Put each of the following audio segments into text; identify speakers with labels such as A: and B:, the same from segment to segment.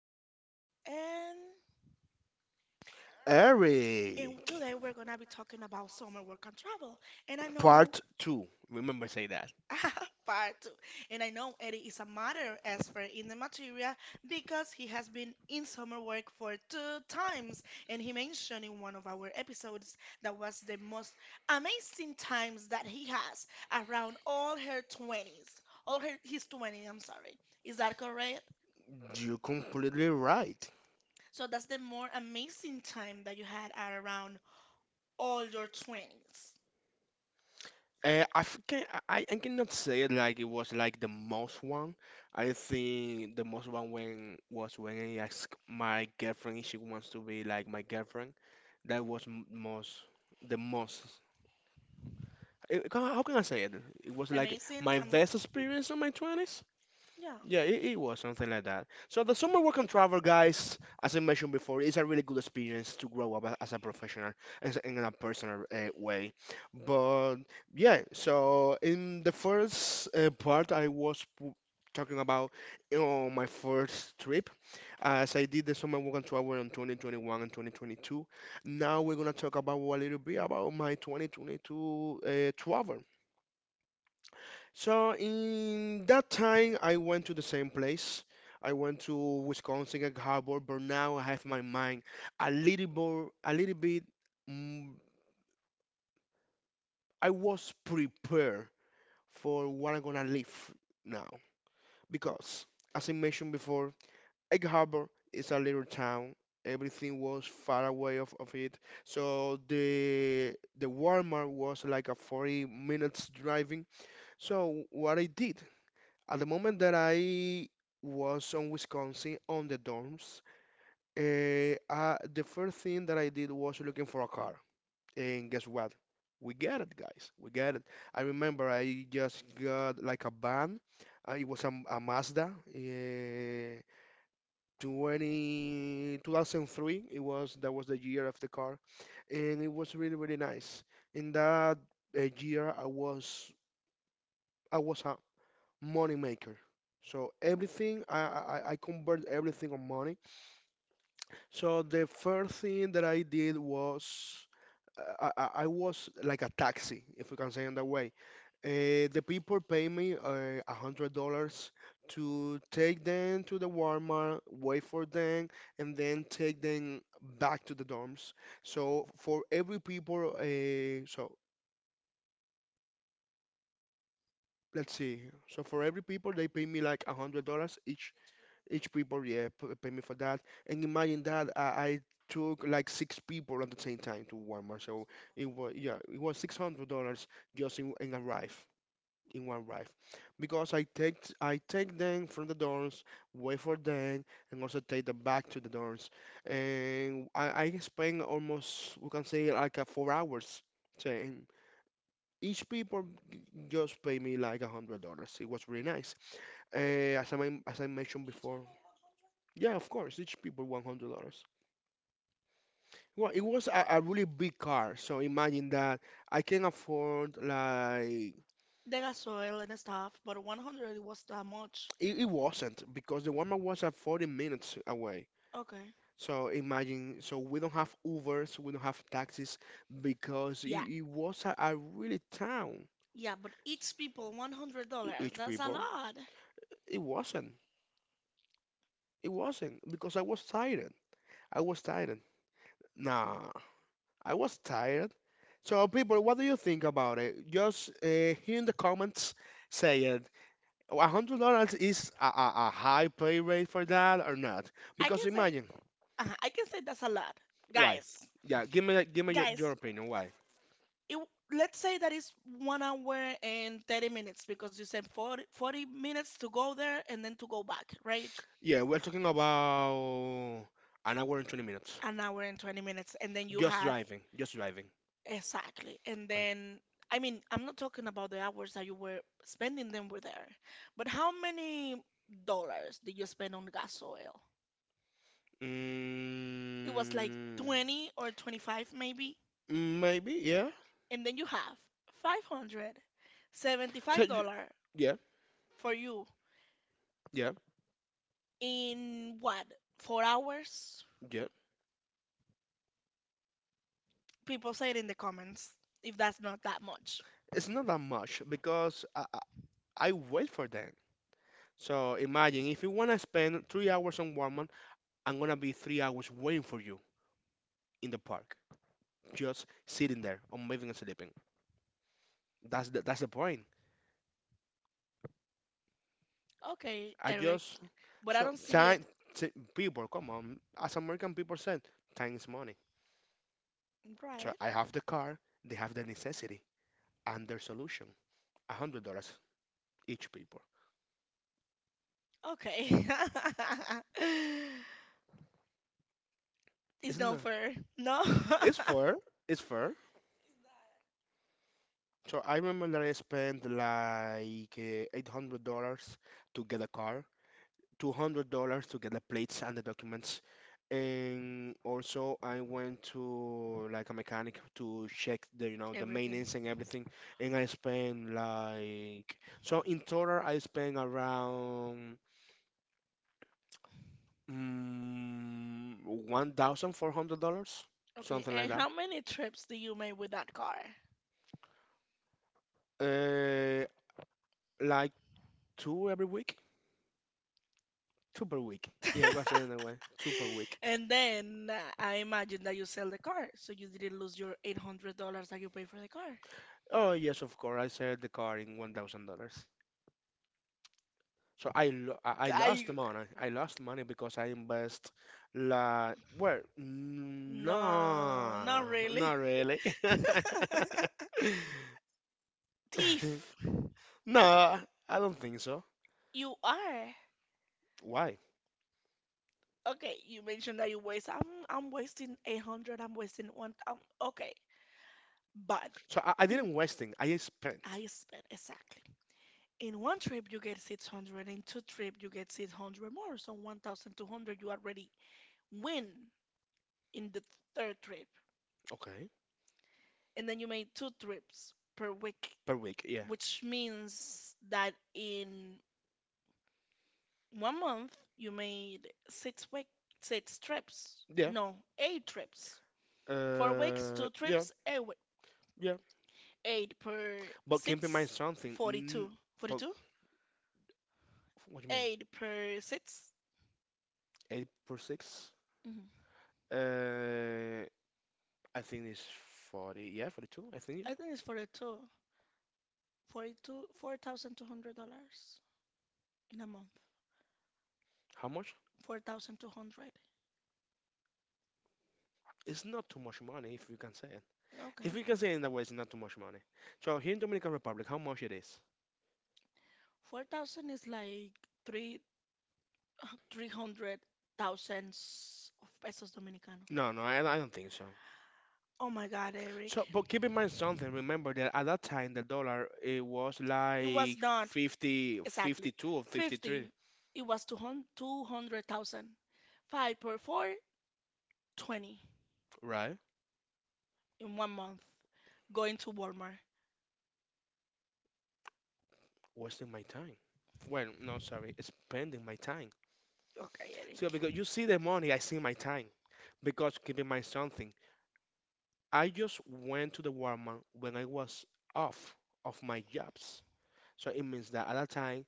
A: with Miledis, and
B: Eric,
A: and today we're gonna be talking about summer work and travel. And I know,
B: part two. Remember, say that.
A: part two. And I know Eddie is a matter expert in the material because he has been in summer work for two times, and he mentioned in one of our episodes that was the most amazing times that he has around all her twenties, all her his twenties. I'm sorry. Is that correct?
B: You're completely right.
A: So that's the more amazing time that you had at around all your 20s.
B: I think I cannot say it like it was like the most one. I think the most one when was when I asked my girlfriend if she wants to be like my girlfriend. That was m- most the most. How can I say it? It was like
A: Amazing,
B: my best experience in my twenties.
A: yeah.
B: Yeah, it was something like that. So the summer work and travel, guys, as I mentioned before, is a really good experience to grow up as a professional and in a personal way. But yeah, so in the first part, talking about my first trip, as I did the summer work and travel in 2021 and 2022. Now we're gonna talk about a little bit about my 2022 travel. So in that time, I went to the same place. I went to Wisconsin Gag Harbor, but now I have my mind a little more, a little bit. mm, I was prepared for what I'm gonna live now because, as I mentioned before, Egg Harbor is a little town. Everything was far away of it, so the Walmart was like a 40 minutes driving. So what I did. At the moment that I was on Wisconsin on the dorms, the first thing that I did was looking for a car. And guess what? We get it, guys. We get it. I remember I just got like a van. It was a Mazda, 2003. It was that was the year of the car, and it was really really nice. In that year, I was money maker. So everything I convert everything on money. So the first thing that I did was I was like a taxi, if we can say in that way. The people pay me $100 to take them to the Walmart, wait for them, and then take them back to the dorms. So for every people, let's see. So for every people, they pay me like $100 each people yeah pay me for that, and imagine that I took like six people at the same time to Walmart, so it was yeah it was $600 just in a ride in one ride. Because I take them from the dorms, wait for them, and also take them back to the dorms, and I spend almost we can say like a 4 hours saying each people just pay me like $100. It was really nice. As I mentioned before, yeah, of course, each people $100. Well, it was a really big car, so imagine that I can afford like
A: They got soil and stuff, but 100, it was that much.
B: it wasn't because the Walmart was at 40 minutes away.
A: Okay.
B: So imagine, so we don't have Ubers, we don't have taxis because
A: Yeah,
B: it was a really town.
A: yeah, but each people $100.
B: Each
A: That's a
B: people,
A: lot.
B: it wasn't, it wasn't because I was tired. I was tired. Nah, I was tired. So, people, what do you think about it? Just here in the comments, say it. $100 is a high pay rate for that or not?
A: I
B: Because
A: can say,
B: imagine,
A: I can say that's a lot,
B: why?
A: guys.
B: Yeah, give me your
A: Guys,
B: opinion. Why?
A: it, let's say that it's 1 hour and 30 minutes because you said forty minutes to go there and then to go back, right?
B: Yeah, we're talking about an hour and 20 minutes.
A: An hour and 20 minutes, and then you
B: Just
A: have,
B: driving, just driving.
A: exactly. And then, I mean, I'm not talking about the hours that you were spending them were there, but how many dollars did you spend on gas oil? It was like
B: Mm,
A: 20 or 25 maybe.
B: maybe, yeah.
A: And then you have 575
B: So,
A: dollar
B: yeah.
A: for you
B: Yeah,
A: in what, 4 hours?
B: yeah.
A: People, say it in the comments if that's not that much.
B: It's not that much because I wait for them. So imagine if you want to spend 3 hours on Walmart, I'm gonna be 3 hours waiting for you in the park, just sitting there or moving and sleeping. That's the point.
A: Okay,
B: I
A: Eric,
B: just
A: but I
B: so
A: don't see it.
B: time people come on, as American people said, time is money. So
A: Right.
B: I have the car, they have the necessity and their solution. $100 each people.
A: Okay. It's
B: Isn't
A: not
B: that?
A: fair. No.
B: It's fair. It's fair. So I remember that I spent like $800 to get a car, $200 to get the plates and the documents. And also I went to like a mechanic to check the, the
A: Everything.
B: maintenance and everything. And I spent like, so in total I spent around mm, $1,400,
A: Okay,
B: something like
A: and
B: that.
A: how many trips do you make with that car?
B: Uh, like two every week. Two per week. Yeah, it was anyway. Two per week.
A: And then, I imagine that you sell the car, so you didn't lose your $800 that you paid for the car.
B: Oh yes, of course. I sold the car in $1,000. So I lost the
A: I,
B: money. I lost money because I invest La. Well,
A: no,
B: no,
A: not really.
B: not really.
A: Thief,
B: No, I don't think so.
A: you are.
B: Why?
A: Okay, you mentioned that you waste. I'm wasting 800. I'm wasting one. Okay, but
B: So I
A: in
B: didn't wasting. I spent.
A: I spent, exactly. In one trip you get 600. In two trip you get 600 more. So 1,200 you already win in the third trip.
B: Okay,
A: And then you made two trips per week,
B: per week. Yeah,
A: which means that in one month you made six trips.
B: yeah.
A: No, eight trips. 4 weeks, two
B: Yeah.
A: trips, eight.
B: Yeah,
A: Eight per
B: but keep in mind
A: six,
B: something. N
A: 42.
B: but
A: 42?
B: what do you mean?
A: Eight per 6, 42. 8 per 6.
B: Eight per six?
A: mm hmm
B: Uh, I think it's 40. Yeah, 42. I think. Yeah.
A: I think it's 42. 42, $4,200 in a month.
B: How much?
A: 4,200.
B: It's not too much money if you can say it. If
A: Okay.
B: you can say it in that way, it's not too much money. So here in Dominican Republic, how much it is?
A: 4,000 is like three, 300 thousands of pesos Dominicano.
B: No, I don't think so.
A: Oh my God, Eric.
B: So, but keep in mind something. Remember that at that time, the dollar it was
A: It was
B: like
A: not
B: 50,
A: exactly
B: 52 or 53,
A: 50. It was 200,000. 5 per 420
B: right?
A: in one month. Going to Walmart.
B: Wasting my time. Well, no, sorry, spending my time.
A: Okay, Eric.
B: So because you see the money, I see my time. Because keep in mind something, I just went to the Walmart when I was off of my jobs. So it means that at that time,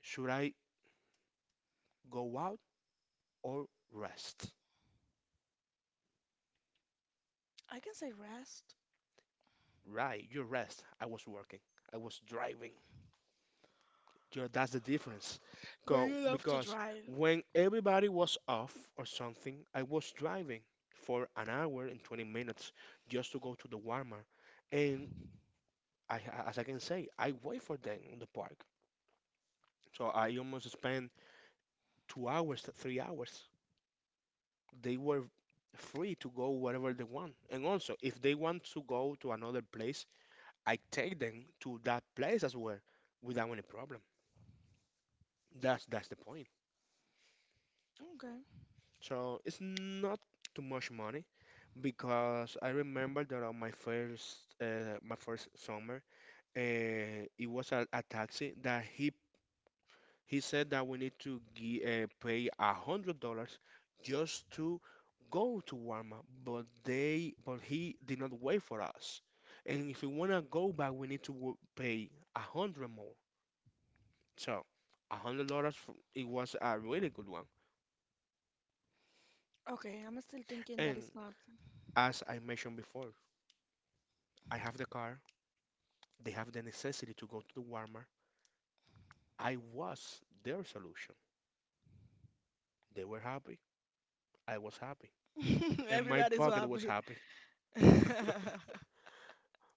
B: should I go out or rest?
A: I can say rest,
B: Right, you rest. I was working. I was driving. Yo, that's the difference.
A: but you have to
B: Because
A: drive.
B: when everybody was off or something, I was driving for an hour and 20 minutes just to go to the Walmart. And I, as I can say, I wait for them in the park. So I almost spent 2 hours, to 3 hours. They were free to go wherever they want. And also, if they want to go to another place, I take them to that place as well without any problem. That's the point.
A: Okay.
B: So it's not too much money. Because I remember that on my first summer, uh, it was a taxi that he said that we need to pay $100 just to go to Warma, but they but he did not wait for us, and if we wanna go back, we need to pay a hundred more. So $100 it was a really good one,
A: Okay, I'm still thinking that
B: and
A: it's not.
B: as I mentioned before, I have the car. They have the necessity to go to the Walmart. I was their solution. They were happy. I was happy. And my
A: Everybody's so
B: pocket was
A: happy.
B: happy.
A: Okay,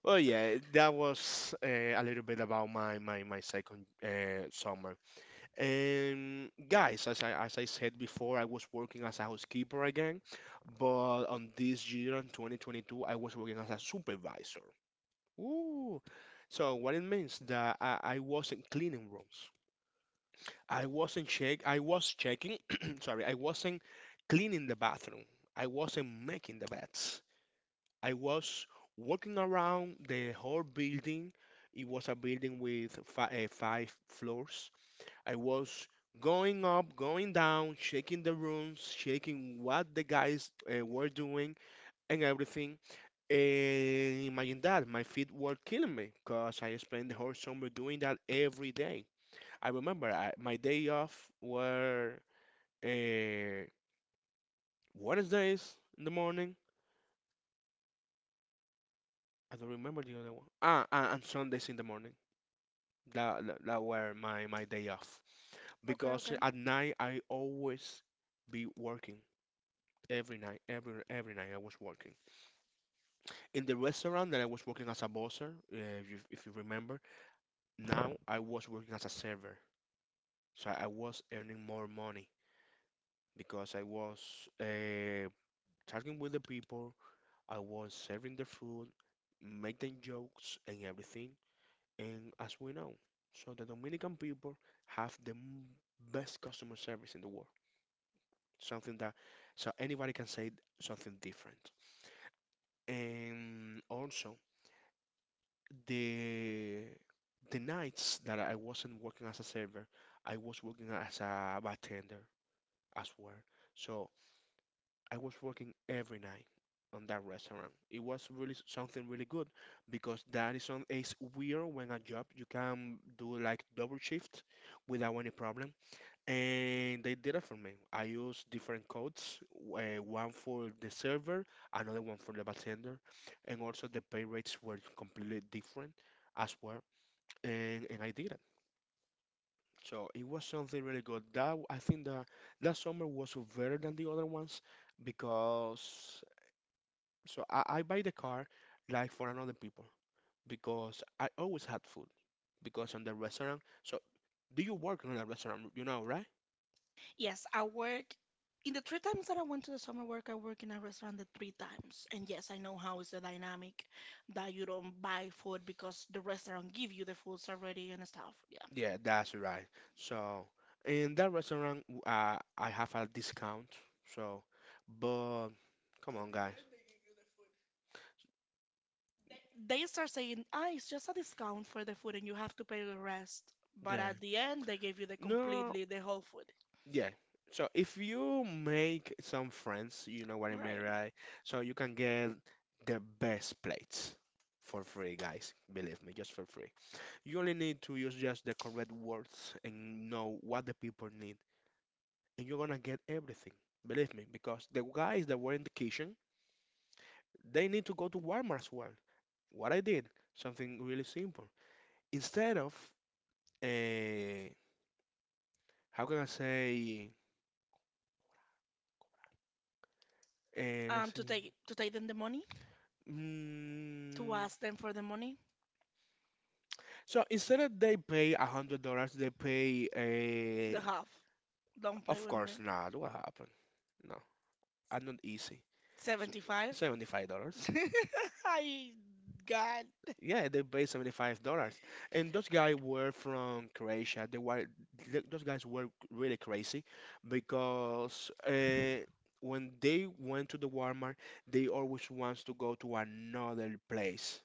B: Oh yeah, that was a little bit about my second summer. And guys, as I said before, I was working as a housekeeper again, but on this year in 2022, I was working as a supervisor. Ooh. So what it means that I wasn't cleaning rooms. I wasn't check. I was checking. sorry, I wasn't cleaning the bathroom. I wasn't making the beds. I was walking around the whole building. It was a building with fi five floors. I was going up, going down, shaking the rooms, shaking what the guys were doing and everything. And imagine that, my feet were killing me because I spent the whole summer doing that every day. I remember my day off were uh, Wednesdays in the morning. I don't remember the other one. Ah, ah, and Sundays in the morning. That were my day off. Because
A: okay.
B: at night I always be working. Every night, every night I was working. In the restaurant that I was working as a bosser, if you remember, now I was working as a server. So I was earning more money because I was uh, talking with the people, I was serving the food, making jokes and everything. And as we know, so the Dominican people have best customer service in the world. Something that so anybody can say something different. And also the the nights that I wasn't working as a server, I was working as a bartender as well. So I was working every night on that restaurant. It was really something really good because that is on it's weird when a job you can do like double shift without any problem. And they did it for me. I used different codes, one for the server, another one for the bartender, and also the pay rates were completely different as well. And I did it. So it was something really good. That I think that that summer was better than the other ones because so I buy the car like for another people because I always had food because on the restaurant. So do you work in a restaurant? You know, right?
A: Yes, I work in the three times that I went to the summer work. I work in a restaurant the three times. And yes, I know how it's a dynamic that you don't buy food because the restaurant give you the foods already and stuff.
B: Yeah, that's right. So in that restaurant, I have a discount. So, but come on, guys.
A: Yeah. They start saying, ah, it's just a discount for the food and you have to pay the rest. But at
B: Yeah.
A: the end, they gave you the
B: No,
A: completely the whole food.
B: yeah. So if you make some friends, you know what I mean,
A: Right.
B: right? So you can get the best plates for free, guys. Believe me, just for free. You only need to use just the correct words and know what the people need, and you're gonna get everything. Believe me, because the guys that were in the kitchen, they need to go to Walmart as well. What I did, something really simple. Instead of, uh, how can I say, let's
A: To
B: see.
A: take to take them the money,
B: Mm.
A: to ask them for the money.
B: So instead of they pay $100, they pay a.
A: The half. Don't play
B: Of
A: with me.
B: course not. What happened? No, I'm not easy. So,
A: 75?
B: Seventy-five dollars.
A: $75. I God.
B: Yeah, they pay $75. And those guys were from Croatia. Those guys were really crazy because when they went to the Walmart, they always wants to go to another place.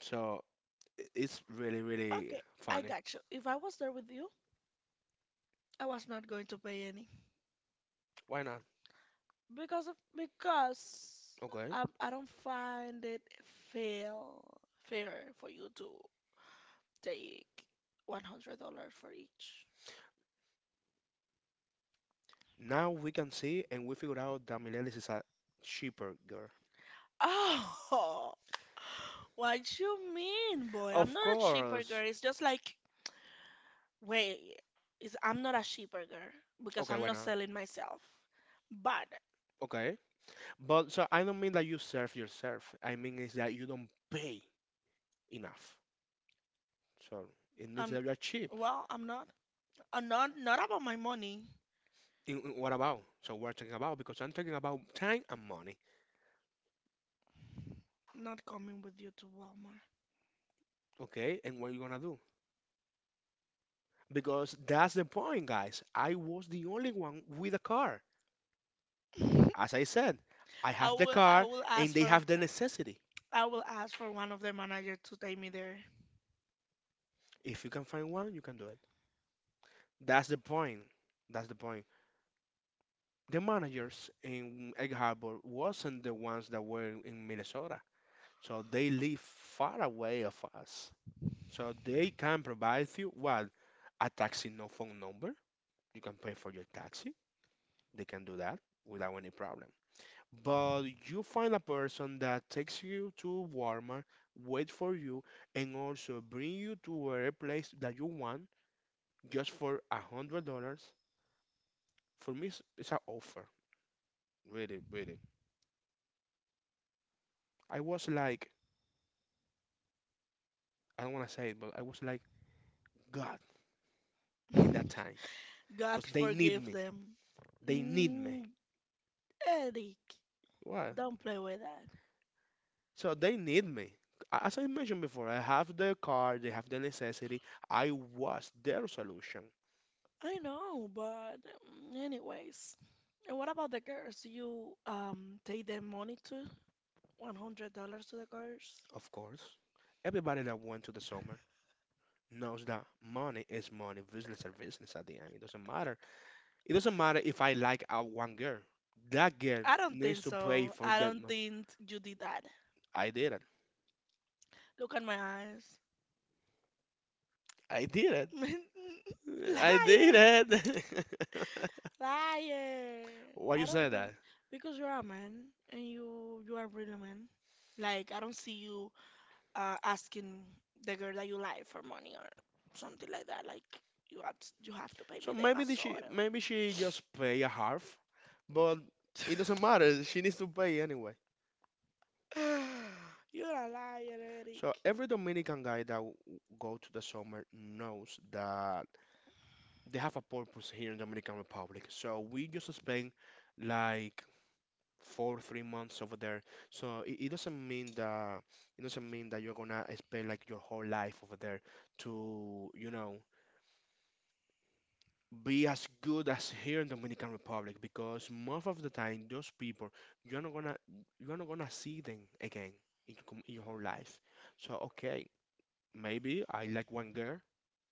B: So it's really, really
A: Okay, I
B: funny.
A: got you. If I was there with you, I was not going to pay any,
B: Why not?
A: because of, because
B: Okay.
A: okay. Okay, I don't find it fair fair for you to take $100 for each.
B: Now we can see and we figured out that Milelis is a cheaper girl.
A: Oh, what you mean, boy? I'm
B: Of
A: not a, oh, cheaper
B: course.
A: girl. It's just like, wait, is, I'm not a sheep because
B: Okay,
A: I'm
B: why
A: not
B: not?
A: selling myself. But,
B: Okay. But so I don't mean that you serve yourself. I mean is that you don't pay enough. So it means
A: um,
B: that you're cheap.
A: well, I'm not. Not about my money.
B: In what about? So we're talking about because I'm talking about time and money.
A: Not coming with you to Walmart.
B: Okay, and what are you gonna do? Because that's the point, guys. I was the only one with a car. As I said, I
A: I
B: have the
A: will I
B: car
A: will
B: and
A: ask
B: they
A: for
B: have the necessity.
A: I will ask for one of the managers to take me there.
B: If you can find one, you can do it. That's the point. That's the point. The managers in Egg Harbor wasn't the ones that were in Minnesota. So they live far away of us. So they can provide you what? A taxi no phone number. You can pay for your taxi. They can do that without any problem. But you find a person that takes you to Walmart, wait for you, and also bring you to whatever place that you want just for $100. For me, it's an offer. Really, really. I was like, I don't want to say it, but I was like God in that time, because
A: God
B: they need
A: forgive
B: me.
A: them.
B: They need me.
A: Mm, Eric,
B: What?
A: don't play with that.
B: So they need me. As I mentioned before, I have the car, they have the necessity. I was their solution.
A: I know, but, anyways. And what about the girls? You, take their money too? $100 to the course?
B: Of course, everybody that went to the summer knows that money is money, business is business at the end. It doesn't matter. It doesn't matter if I like one girl. That girl
A: I don't
B: needs
A: think
B: to pay
A: so.
B: for
A: I
B: that do
A: don't
B: money.
A: think you did that.
B: I did it.
A: Look at my eyes.
B: I did it. I
A: Liar.
B: did it.
A: Liar.
B: Why
A: I
B: you
A: don't
B: say
A: think,
B: that?
A: because you're a man and you are really a man. Like, I don't see you asking the girl that you like for money or something like that. Like, you have you have to pay
B: So
A: me the
B: maybe the she
A: gasoil.
B: maybe she just pay a half, but it doesn't matter. She needs to pay anyway.
A: You're a liar, Eric.
B: So every Dominican guy that go to the summer knows that they have a purpose here in Dominican Republic. So we just spend like four, 3 months over there. So it doesn't mean that you're gonna spend like your whole life over there to, be as good as here in Dominican Republic because most of the time those people you're not gonna you're not gonna see them again in your, in your whole life. So okay, maybe I like one girl,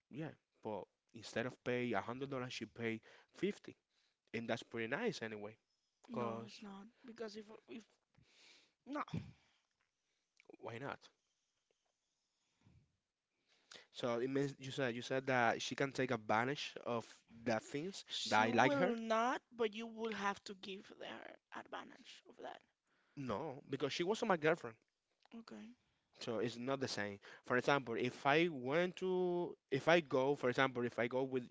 B: yeah, but instead of pay $100, she pay 50. And that's pretty nice anyway,
A: No,
B: because
A: it's not. Because, if no,
B: why not? So it means you said that she can take advantage of the things that
A: she
B: I like
A: will
B: her.
A: not, but you will have to give her advantage of that.
B: No, because she wasn't my girlfriend.
A: Okay.
B: So it's not the same. For example, if I go, for example, if I go with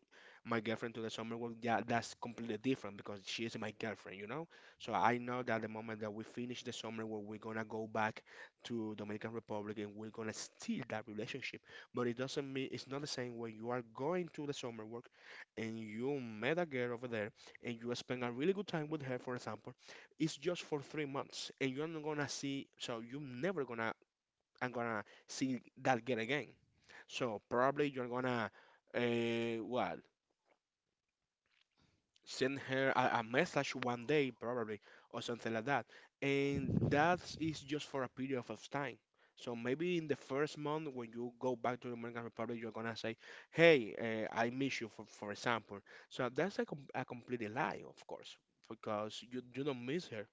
B: my girlfriend to the summer work, yeah, that's completely different because she is my girlfriend, you know? So I know that the moment that we finish the summer work, we're gonna go back to Dominican Republic and we're gonna steal that relationship. But it doesn't mean it's not the same when you are going to the summer work and you met a girl over there and you spend a really good time with her, for example, it's just for 3 months and you're not gonna see so you're never gonna I'm gonna see that girl again. So probably you're gonna what send her a message one day probably or something like that. And that is just for a period of time. So maybe in the first month when you go back to the Dominican Republic, you're gonna say, "Hey, I miss you," for example. So that's a complete lie, of course, because you don't miss her.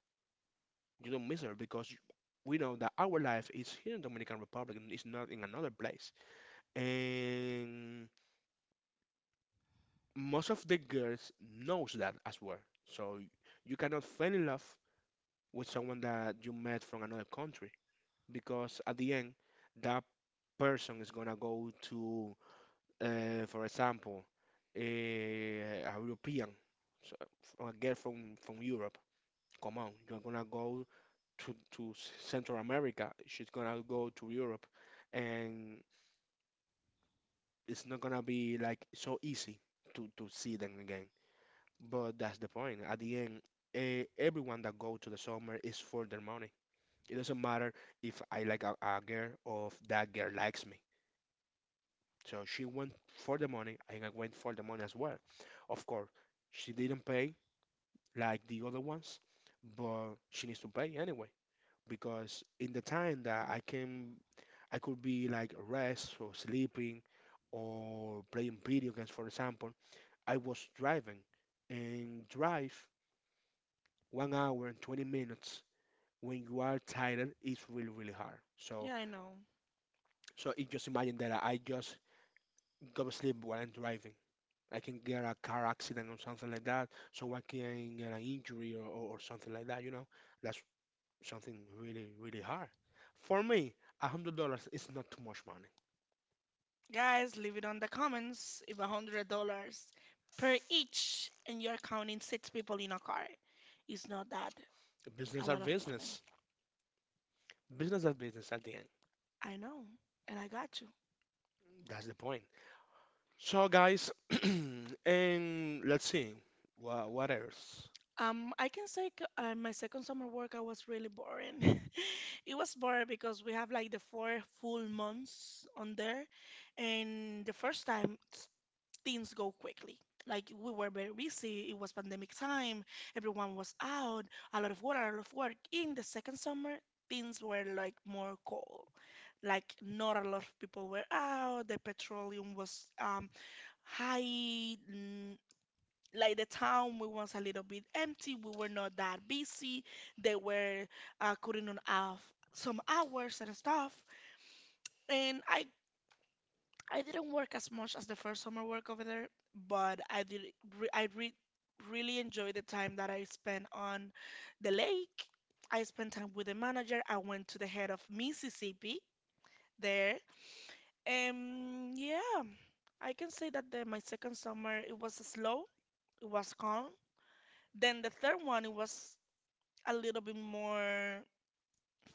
B: You don't miss her because we know that our life is here in Dominican Republic and it's not in another place. And most of the girls knows that as well. So you cannot fall in love with someone that you met from another country because at the end that person is gonna go to, for example, a European, so a girl from Europe. Come on, you're gonna go to Central America. She's gonna go to Europe, and it's not gonna be like so easy to see them again. But that's the point. At the end, everyone that go to the summer is for their money. It doesn't matter if I like a girl or if that girl likes me. So she went for the money, and I went for the money as well. Of course, she didn't pay like the other ones, but she needs to pay anyway because in the time that I can, I could be like rest or sleeping or playing video games, for example. I was driving and drive. 1 hour and 20 minutes when you are tired is really, really hard. So,
A: Yeah, I know.
B: so it just imagine that I just go to sleep while I'm driving. I can get a car accident or something like that. Someone can get an injury or something like that, you know? That's something really, really hard. For me, $100 is not too much money.
A: Guys, leave it on the comments if $100 per each and you're counting six people in a car. It's not that, a
B: Business are
A: lot of money.
B: business. Business are business at the end.
A: I know, and I got you.
B: That's the point. So guys, and let's see. What else?
A: I can say, my second summer work I was really boring. It was boring because we have like the four full months on there, and the first time, things go quickly. Like, we were very busy. It was pandemic time. Everyone was out. A lot of work. A lot of work. In the second summer, things were like more cold. Like, not a lot of people were out. The petroleum was high. Like, the town we was a little bit empty. We were not that busy. They were cutting on off some hours and stuff. And I didn't work as much as the first summer work over there, but I did, re- i re- really enjoyed the time that I spent on the lake. I spent time with the manager. I went to the head of Mississippi there. And yeah, I can say that my second summer, it was slow, it was calm. Then the third one, it was a little bit more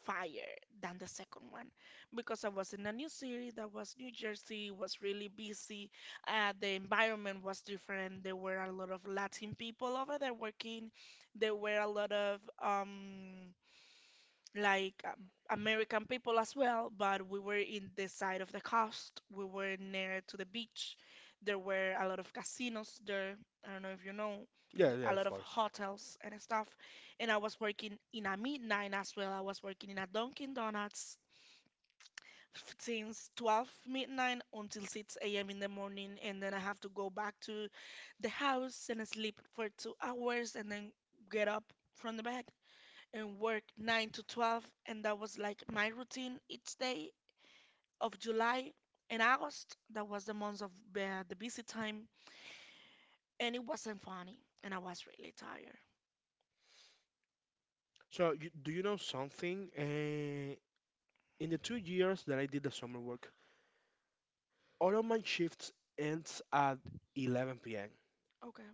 A: fire than the second one because I was in a new city that was New Jersey. Was really busy. The environment was different. There were a lot of Latin people over there working. There were a lot of, like um, American people as well, but we were in the side of the coast. We were near to the beach. There were a lot of casinos there. I don't know if you know,
B: Yeah, yeah,
A: a lot
B: of
A: of
B: course.
A: hotels and stuff. And I was working in a midnight as well. I was working in a Dunkin' Donuts, since 12 midnight until 6 a.m. in the morning. And then I have to go back to the house and sleep for 2 hours, and then get up from the bed and work 9 to 12. And that was like my routine each day of July and August. That was the months of, the busy time. And it wasn't funny, and I was really tired.
B: So, do you know something? In the 2 years that I did the summer work, all of my shifts ends at 11 p.m.
A: Okay,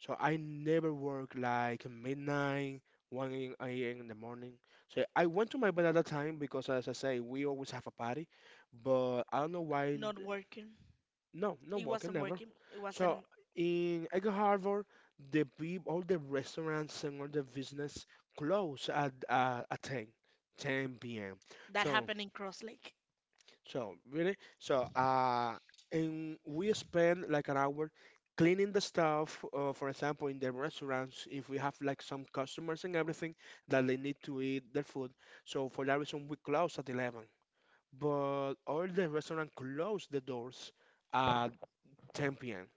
B: So I never work like midnight, 1 a.m. in the morning. So I went to my bed at that time because, as I say, we always have a party. But I don't know why.
A: not working.
B: No, no
A: It
B: walking
A: wasn't
B: never.
A: working. It
B: So
A: wasn't.
B: in Egg Harbor, the peop all the restaurants and all the business close at 10, 10 p.m.
A: That
B: So
A: happened in Cross Lake.
B: so really, and we spend like an hour cleaning the stuff. For example, in the restaurants, if we have like some customers and everything that they need to eat their food, so for that reason we close at 11. But all the restaurant close the doors at 10 p.m.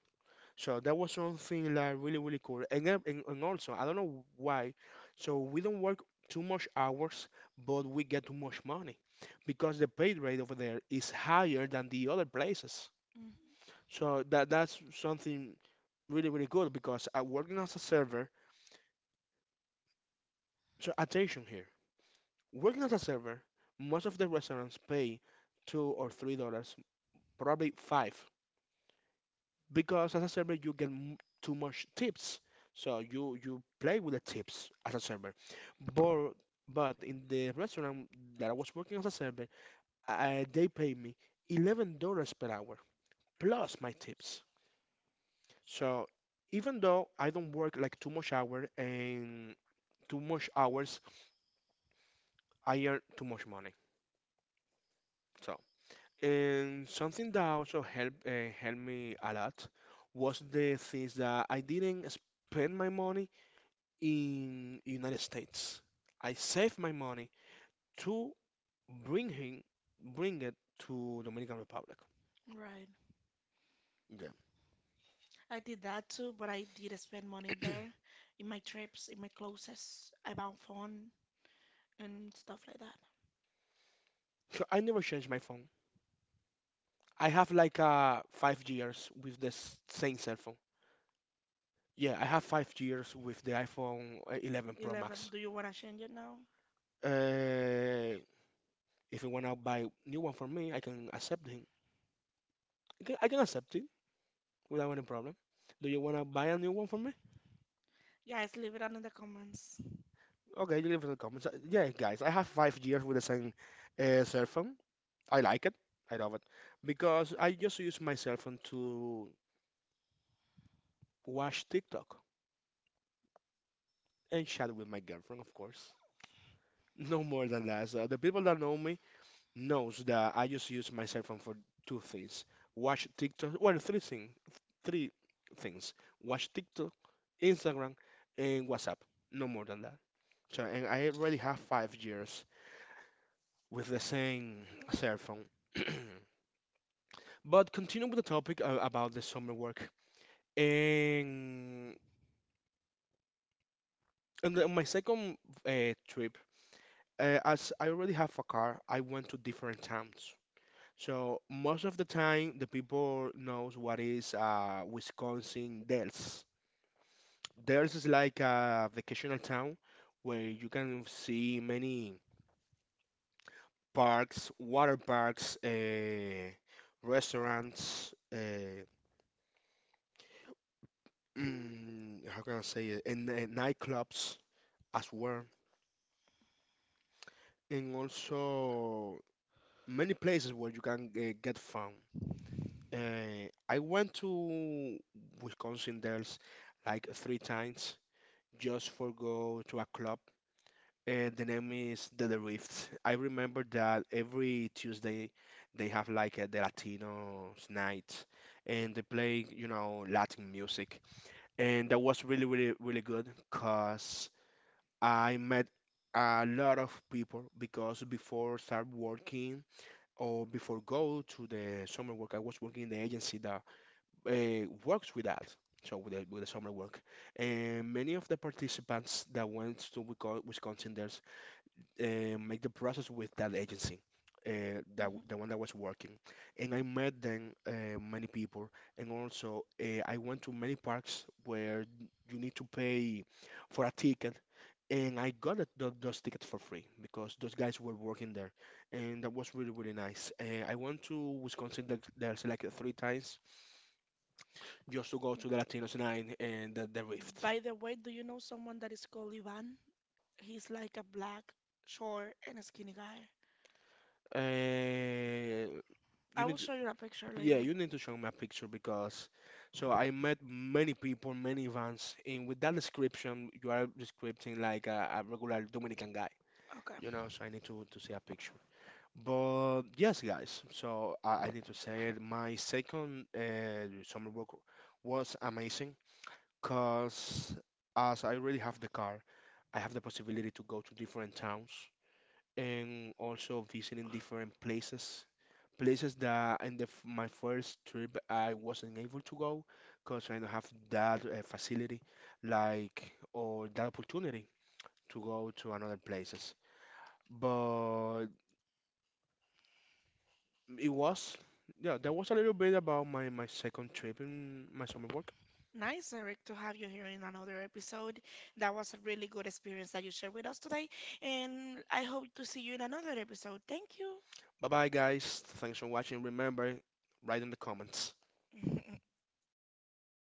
B: So that was something like really really cool. And, then- and also I don't know why, so we don't work too much hours, but we get too much money because the pay rate over there is higher than the other places.
A: Mhm.
B: So that's something really really good because working as a server. So attention here, working as a server, most of the restaurants pay $2 or $3, probably five because as a server you get too much tips so you play with the tips as a server, but but in the restaurant that I was working as a server, they pay me $11 per hour plus my tips. So even though I don't work like too much hour and too much hours, I earn too much money. So and something that also helped me a lot was the things that I didn't spend my money in United States. I saved my money to bring him, bring it to Dominican Republic.
A: Right.
B: Yeah.
A: I did that too, but I did spend money there, in my trips, in my clothes. I bought phone and stuff like that.
B: So I never changed my phone. I have like 5 years with the same cell phone. Yeah, I have 5 years with the iPhone 11 Pro Max.
A: 11. Do you want to change it now?
B: Uh, if you wanna buy new one for me, I can accept him. I can accept it without any problem. Do you wanna buy a new one for me?
A: Guys, leave it under the comments.
B: Okay, you leave it in the comments. Yeah, guys, I have 5 years with the same cell phone. I like it. I love it because I just use my cell phone to watch TikTok and chat with my girlfriend, of course. No more than that. So the people that know me knows that I just use my cell phone for two things: watch TikTok, well, three things: watch TikTok, Instagram, and WhatsApp. No more than that. So, and I already have 5 years with the same cell phone. But continue with the topic about the summer work. And on my second trip, as I already have a car, I went to different towns. So most of the time, the people knows what is Wisconsin Dells. Dells is like a vacational town where you can see many parks, water parks, restaurants, how can I say it, and, nightclubs as well. And also many places where you can get found. I went to Wisconsin Dells like 3 times just for go to a club. And the name is The Drift. I remember that every Tuesday they have like the Latinos night and they play, Latin music. And that was really, really, really good because I met a lot of people because before start working or before go to the summer work, I was working in the agency that works with that. So with the summer work, and many of the participants that went to Wisconsin, there's make the process with that agency, that
A: Mhm.
B: the one that was working, and I met then many people, and also I went to many parks where you need to pay for a ticket and I got it, those tickets for free because those guys were working there, and that was really really nice. I went to Wisconsin there's like 3 times just to go to the Latinos night and the Rift.
A: By the way, do you know someone that is called Ivan? He's like a black, short, and a skinny guy.
B: Uh, you
A: I will
B: need to,
A: show you a picture
B: yeah,
A: later.
B: you need to show me a picture because so I met many people, many vans, and with that description, you are describing like a regular Dominican guy,
A: Okay.
B: you know. So I need to see a picture. But yes, guys, so I need to say it. My second summer work was amazing because as I already have the car, I have the possibility to go to different towns and also visiting different places. Places that in my first trip I wasn't able to go because I don't have that facility, like, or that opportunity to go to another places. But It was, yeah, that was a little bit about my second trip in my summer work.
A: Nice, Eric, to have you here in another episode. That was a really good experience that you shared with us today, and I hope to see you in another episode. Thank you.
B: Bye bye, guys. Thanks for watching. Remember, write in the comments.